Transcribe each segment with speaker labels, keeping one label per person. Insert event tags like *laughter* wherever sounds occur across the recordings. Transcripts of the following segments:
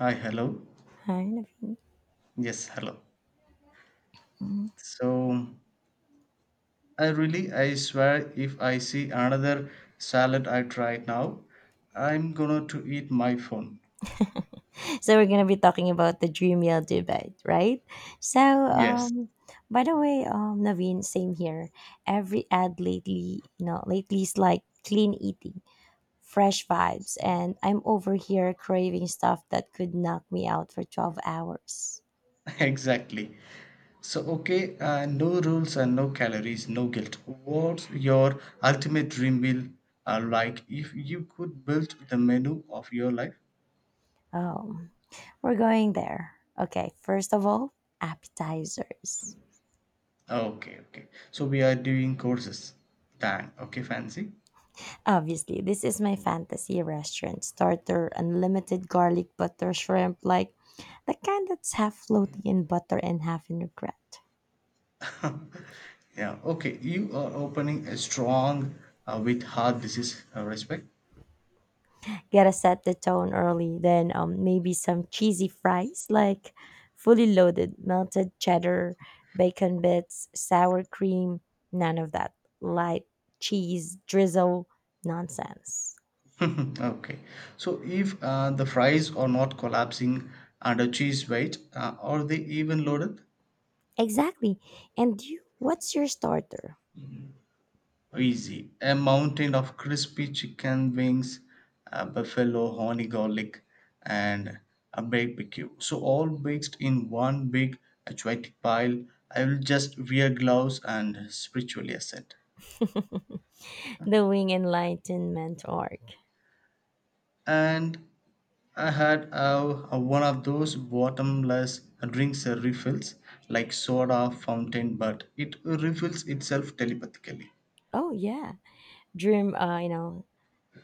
Speaker 1: Hi, hello.
Speaker 2: Kind of thing.
Speaker 1: Yes, hello.
Speaker 2: Mhm.
Speaker 1: So I really, I swear, if I see another salad I try now, I'm gonna to eat my phone.
Speaker 2: So we're gonna be talking about the dream meal debate, right? So,
Speaker 1: Yes,
Speaker 2: um, by the way, Naveen, same here. Every ad lately, lately is like clean eating, fresh vibes, and I'm over here craving stuff that could knock me out for 12 hours.
Speaker 1: *laughs* exactly. So okay, no rules and no calories, no guilt. What's your ultimate dream meal like if you could build the menu of your life?
Speaker 2: Um, we're going there. Okay, first of all, appetizers.
Speaker 1: Okay, okay. So we are doing courses. Dang. Okay, fancy.
Speaker 2: Obviously, this is my fantasy restaurant starter unlimited garlic butter shrimp, like the kind that's half floaty in butter and half in regret.
Speaker 1: Yeah, okay. You are opening a strong with heart disease, respect.
Speaker 2: Gotta set the tone early, then maybe some cheesy fries, like fully loaded, melted cheddar, bacon bits, sour cream, none of that light cheese drizzle nonsense.
Speaker 1: *laughs* Okay. So if the fries are not collapsing under cheese weight, are they even loaded?
Speaker 2: Exactly. And you, what's your starter?
Speaker 1: Easy. A mountain of crispy chicken wings, buffalo, honey garlic, and a barbecue. So all mixed in one big athletic pile. I will just wear gloves and spiritually ascend.
Speaker 2: *laughs* The Wing Enlightenment org.
Speaker 1: And I had one of those bottomless drinks refills, like soda fountain, but it refills itself telepathically.
Speaker 2: Oh yeah, dream. Uh, you know,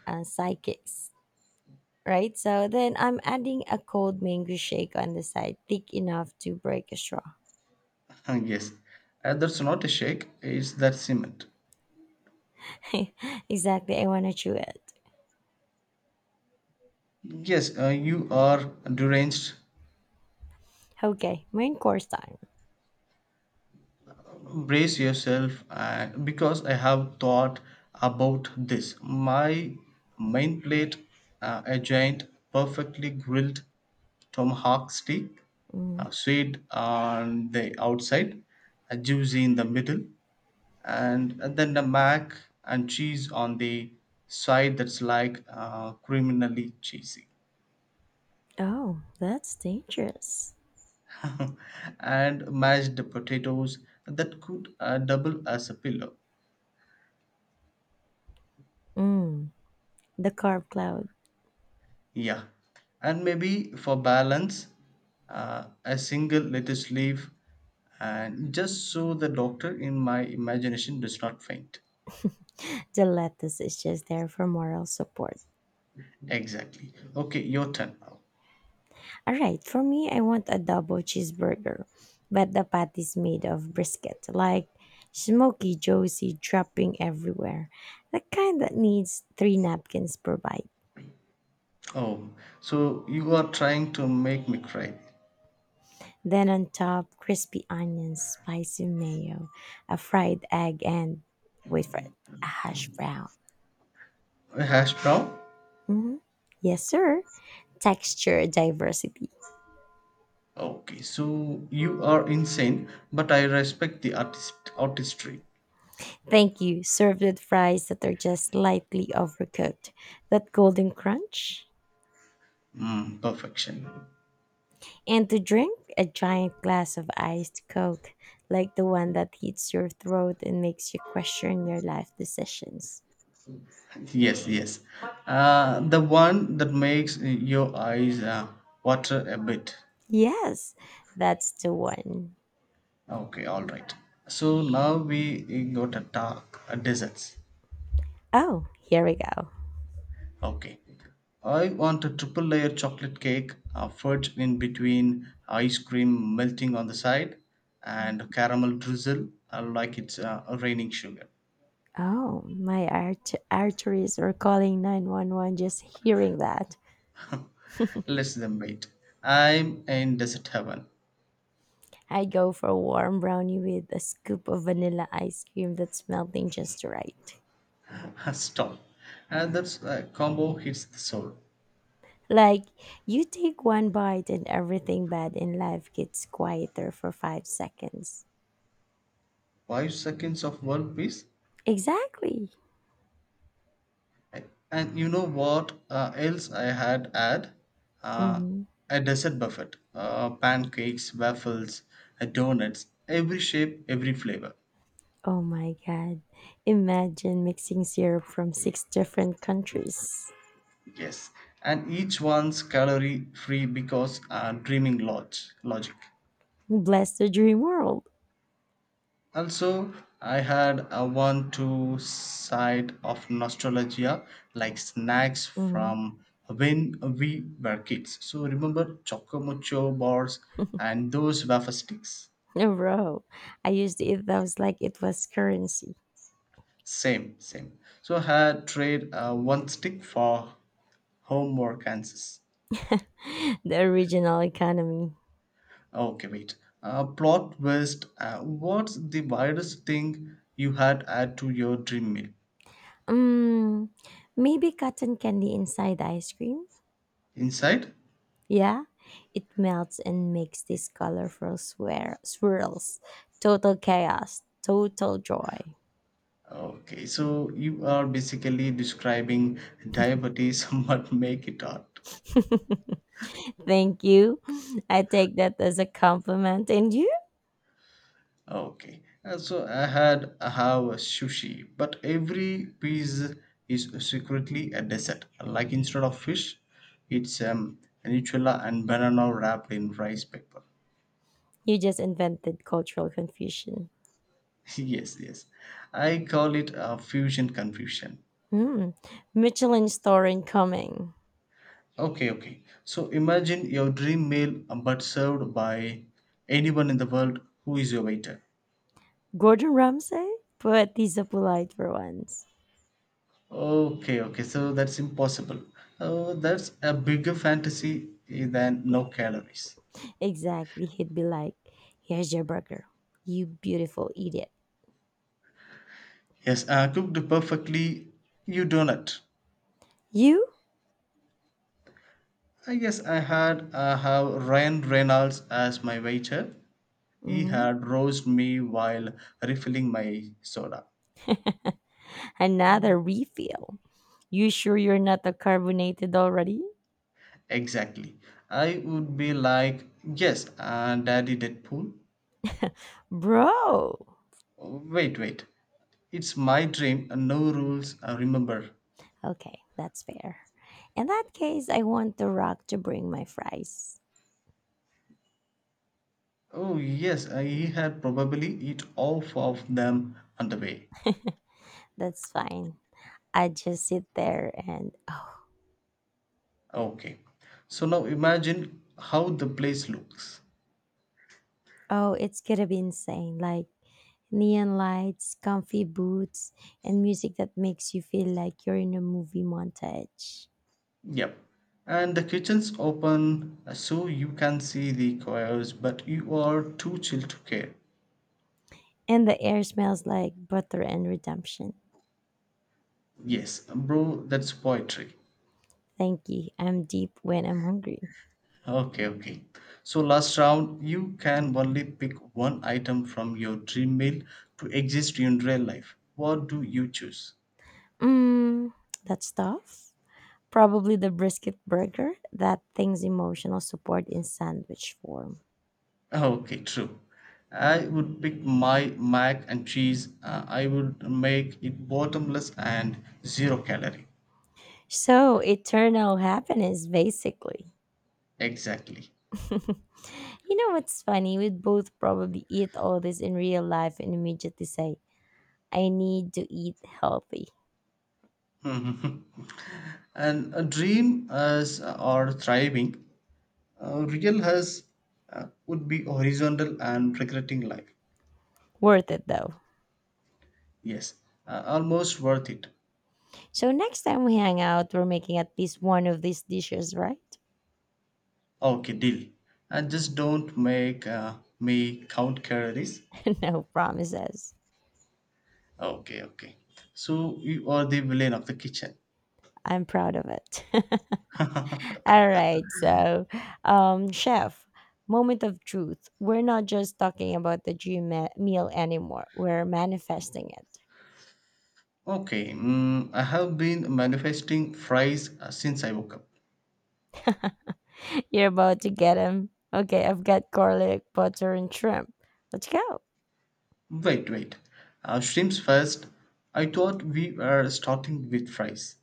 Speaker 2: uh, Psychics, right? So then I'm adding a cold mango shake on the side, thick enough to break a straw.
Speaker 1: Yes, that's not a shake, it's that cement.
Speaker 2: *laughs* Exactly, I want to chew it.
Speaker 1: Yes, you are deranged.
Speaker 2: Okay, main course time.
Speaker 1: Brace yourself, and because I have thought about this, my main plate, a giant perfectly grilled tomahawk steak,
Speaker 2: Mm.
Speaker 1: sweet on the outside, juicy in the middle, and then the mac and cheese on the side that's like criminally cheesy.
Speaker 2: Oh, that's dangerous.
Speaker 1: *laughs* And mashed potatoes that could double as a pillow.
Speaker 2: Mm. The carb cloud.
Speaker 1: Yeah, and maybe for balance, a single lettuce leaf, and just so the doctor in my imagination does not faint.
Speaker 2: The lettuce is just there for moral support.
Speaker 1: Exactly. Okay, your turn now.
Speaker 2: All right, for me, I want a double cheeseburger, but the patty's made of brisket, like smoky, juicy, dropping everywhere. The kind that needs three napkins per bite.
Speaker 1: Oh, so you are trying to make me cry.
Speaker 2: Then on top, crispy onions, spicy mayo, a fried egg, and wait for it, a hash brown.
Speaker 1: A hash brown?
Speaker 2: Hmm. Yes, sir. Texture diversity.
Speaker 1: Okay, so you are insane, but I respect the artistry.
Speaker 2: Thank you. Served with fries that are just slightly overcooked. That golden crunch.
Speaker 1: Mm, perfection.
Speaker 2: And to drink a giant glass of iced Coke, like the one that hits your throat and makes you question your life decisions.
Speaker 1: Yes, yes. The one that makes your eyes water a bit.
Speaker 2: Yes, that's the one.
Speaker 1: Okay, all right. So now we got to talk desserts.
Speaker 2: Oh, here we go.
Speaker 1: Okay. I want a triple layer chocolate cake, a fudge in between, ice cream melting on the side, and caramel drizzle like it's raining sugar.
Speaker 2: Oh, my arteries are calling 911 just hearing that.
Speaker 1: Less than wait. I'm in desert heaven.
Speaker 2: I go for a warm brownie with a scoop of vanilla ice cream that's melting just right.
Speaker 1: *laughs* Stop. And that's combo hits the soul.
Speaker 2: Like, you take one bite and everything bad in life gets quieter for 5 seconds.
Speaker 1: Five seconds of world peace.
Speaker 2: Exactly.
Speaker 1: And you know what else I had? Uh,
Speaker 2: Hmm.
Speaker 1: a dessert buffet. Pancakes, waffles, donuts, every shape, every flavor.
Speaker 2: Oh my God. Imagine mixing syrup from six different countries.
Speaker 1: Yes. And each one's calorie free because dreaming logic.
Speaker 2: Bless the dream world.
Speaker 1: Also, I had a one two side of nostalgia, like snacks
Speaker 2: Hmm.
Speaker 1: from when we were kids. So remember Chocomocho bars and those wafer sticks.
Speaker 2: *laughs* Bro, I used to eat those like it was currency.
Speaker 1: Same, same. So had trade one stick for homework answers.
Speaker 2: *laughs* The original economy.
Speaker 1: Okay, wait. Plot twist. What's the weirdest thing you had add to your dream meal?
Speaker 2: Mm, maybe cotton candy inside ice cream?
Speaker 1: Inside?
Speaker 2: Yeah, it melts and makes these colorful swirls. Total chaos, total joy.
Speaker 1: Okay, so you are basically describing diabetes *laughs* but make it art.
Speaker 2: *laughs* Thank you. I take that as a compliment. And you?
Speaker 1: Okay, so I have a sushi, but every piece is secretly a dessert. Like instead of fish, it's nutella and banana wrapped in rice paper.
Speaker 2: You just invented cultural confusion.
Speaker 1: *laughs* Yes, yes, I call it a fusion confusion.
Speaker 2: Hmm. Michelin star incoming.
Speaker 1: Okay, okay. So imagine your dream meal, but served by anyone in the world. Who is your waiter?
Speaker 2: Gordon Ramsay? But he's a polite for once.
Speaker 1: Okay, okay. So that's impossible. Oh, that's a bigger fantasy than no calories.
Speaker 2: Exactly. He'd be like, here's your burger. You beautiful idiot.
Speaker 1: Yes, cooked perfectly. You donut.
Speaker 2: You?
Speaker 1: I guess I had have Ryan Reynolds as my waiter. He
Speaker 2: Hmm.
Speaker 1: had roast me while refilling my soda.
Speaker 2: *laughs*
Speaker 1: Mm.
Speaker 2: Another refill. You sure you're not a carbonated already?
Speaker 1: Exactly. I would be like, yes, Daddy Deadpool.
Speaker 2: Bro!
Speaker 1: Oh, wait, wait. It's my dream. No rules. Remember.
Speaker 2: Okay, that's fair. In that case, I want the rock to bring my fries.
Speaker 1: Oh yes, he had probably eat all of them on the way.
Speaker 2: That's fine. I just sit there and oh.
Speaker 1: Okay. So now imagine how the place looks.
Speaker 2: Oh, it's gonna be insane. Like neon lights, comfy boots, and music that makes you feel like you're in a movie montage.
Speaker 1: Yep. And the kitchen's open, so you can see the cows, but you are too chill to care.
Speaker 2: And the air smells like butter and redemption.
Speaker 1: Yes, bro, that's poetry.
Speaker 2: Thank you. I'm deep when I'm hungry.
Speaker 1: Okay, okay. So last round, you can only pick one item from your dream meal to exist in real life. What do you choose?
Speaker 2: Mmm, that's tough. Probably the brisket burger, that thing's emotional support in sandwich form.
Speaker 1: Okay, true. I would pick my mac and cheese. I would make it bottomless and zero calorie.
Speaker 2: So, eternal happiness, basically.
Speaker 1: Exactly.
Speaker 2: *laughs* You know what's funny? We'd both probably eat all this in real life and immediately say, I need to eat healthy.
Speaker 1: Mhm. *laughs* And a dream as or thriving, real has would be horizontal and regretting life.
Speaker 2: Worth it though.
Speaker 1: Yes, almost worth it.
Speaker 2: So, next time we hang out, we're making at least one of these dishes, right?
Speaker 1: Okay, deal. And just don't make me count calories.
Speaker 2: *laughs* No promises.
Speaker 1: Okay, okay. So you are the villain of the kitchen.
Speaker 2: I'm proud of it. *laughs* All right. Chef, moment of truth. We're not just talking about the dream meal anymore. We're manifesting it.
Speaker 1: Okay, mm, I have been manifesting fries since I woke up.
Speaker 2: *laughs* You're about to get him. Okay, I've got garlic, butter, and shrimp. Let's go.
Speaker 1: Wait, wait, shrimps first. I thought we were starting with fries.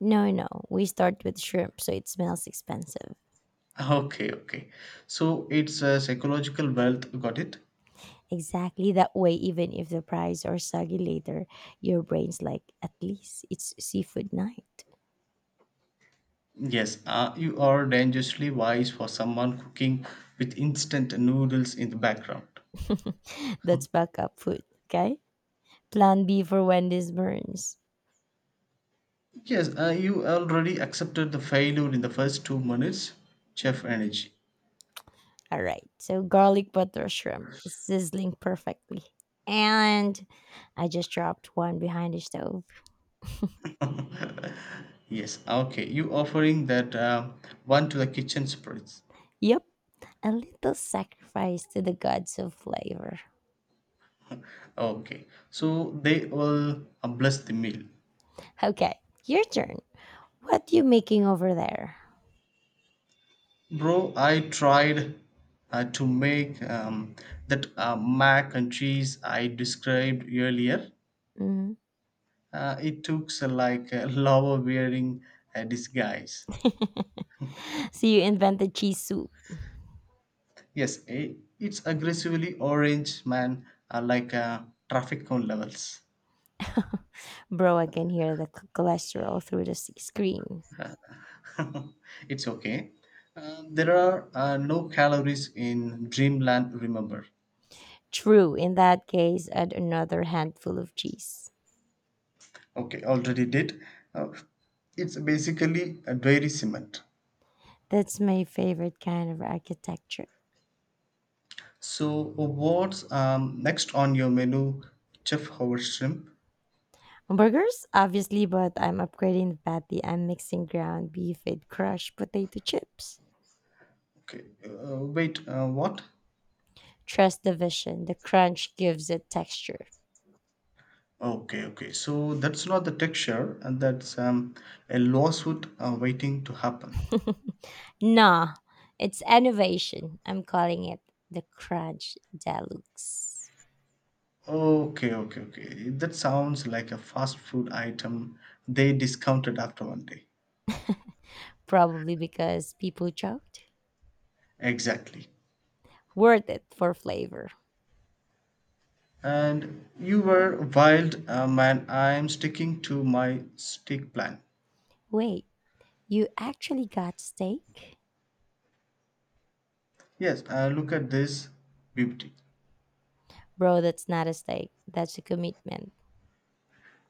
Speaker 2: No, no. We start with shrimp, so it smells expensive.
Speaker 1: Okay, okay. So it's a psychological wealth, got it?
Speaker 2: Exactly that way, even if the fries are soggy later, your brain's like, at least it's seafood night.
Speaker 1: Yes, you are dangerously wise for someone cooking with instant noodles in the background.
Speaker 2: *laughs* That's backup food, okay? Plan B for when this burns.
Speaker 1: Yes, you already accepted the failure in the first two minutes. Chef energy.
Speaker 2: All right. So garlic butter shrimp sizzling perfectly. And I just dropped one behind the stove.
Speaker 1: Yes, okay. You offering that one to the kitchen spirits.
Speaker 2: Yep. A little sacrifice to the gods of flavor.
Speaker 1: Okay, so they will bless the meal.
Speaker 2: Okay. Your turn. What you making over there?
Speaker 1: Bro, I tried to make that mac and cheese I described earlier.
Speaker 2: Mm.
Speaker 1: It took like a *laughs* lava wearing a disguise.
Speaker 2: *laughs* So you invented cheese soup.
Speaker 1: Yes, it's aggressively orange, man, like traffic cone levels.
Speaker 2: *laughs* Bro, I can hear the cholesterol through the screen.
Speaker 1: *laughs* It's okay. There are no calories in Dreamland, remember.
Speaker 2: True. In that case, add another handful of cheese.
Speaker 1: Okay, already did. Uh, it's basically a dairy cement.
Speaker 2: That's my favorite kind of architecture.
Speaker 1: So what's next on your menu, Chef Howard Shrimp?
Speaker 2: Burgers, obviously, but I'm upgrading the patty. I'm mixing ground beef with crushed potato chips.
Speaker 1: Okay, wait, what?
Speaker 2: Trust the vision. The crunch gives it texture.
Speaker 1: Okay, okay. So that's not the texture, and that's a lawsuit waiting to happen.
Speaker 2: *laughs* Nah, it's innovation. I'm calling it the crunch deluxe.
Speaker 1: Okay, okay, okay. That sounds like a fast food item they discounted after one day.
Speaker 2: Probably because people joked.
Speaker 1: Exactly.
Speaker 2: Worth it for flavor.
Speaker 1: And you were wild, man. I'm sticking to my stick plan.
Speaker 2: Wait, you actually got steak?
Speaker 1: Yes, look at this beauty.
Speaker 2: Bro, that's not a steak. That's a commitment.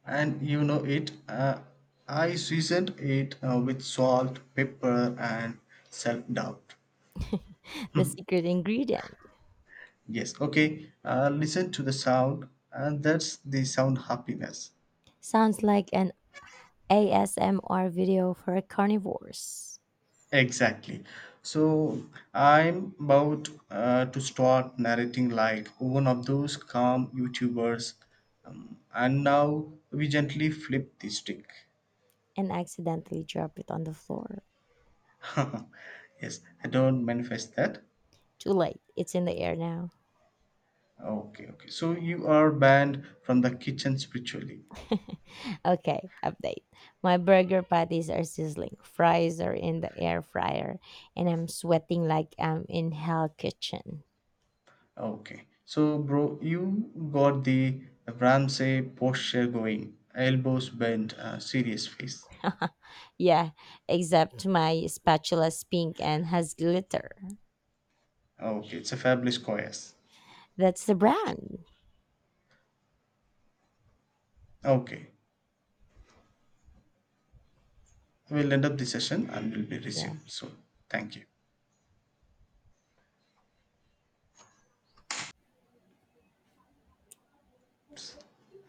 Speaker 1: And you know it. I seasoned it with salt, pepper, and self doubt.
Speaker 2: *laughs* The secret ingredient.
Speaker 1: Yes, okay. Listen to the sound, and that's the sound happiness.
Speaker 2: Sounds like an ASMR video for carnivores
Speaker 1: Exactly. So I'm about to start narrating like one of those calm YouTubers, and now we gently flip the stick.
Speaker 2: and accidentally dropped it on the floor.
Speaker 1: *laughs* Yes, I don't manifest that.
Speaker 2: Too late. It's in the air now.
Speaker 1: Okay, okay. So you are banned from the kitchen spiritually.
Speaker 2: *laughs* Okay, update. My burger patties are sizzling, fries are in the air fryer, and I'm sweating like I'm in hell kitchen.
Speaker 1: Okay. So, bro, you got the Ramsey posture going, elbows bent, serious face.
Speaker 2: *laughs* Yeah, except my spatula's pink and has glitter.
Speaker 1: Okay, it's a fabulous choice.
Speaker 2: That's the brand.
Speaker 1: Okay, we'll end up the session and we'll be
Speaker 2: Yeah.
Speaker 1: resumed. So, thank you.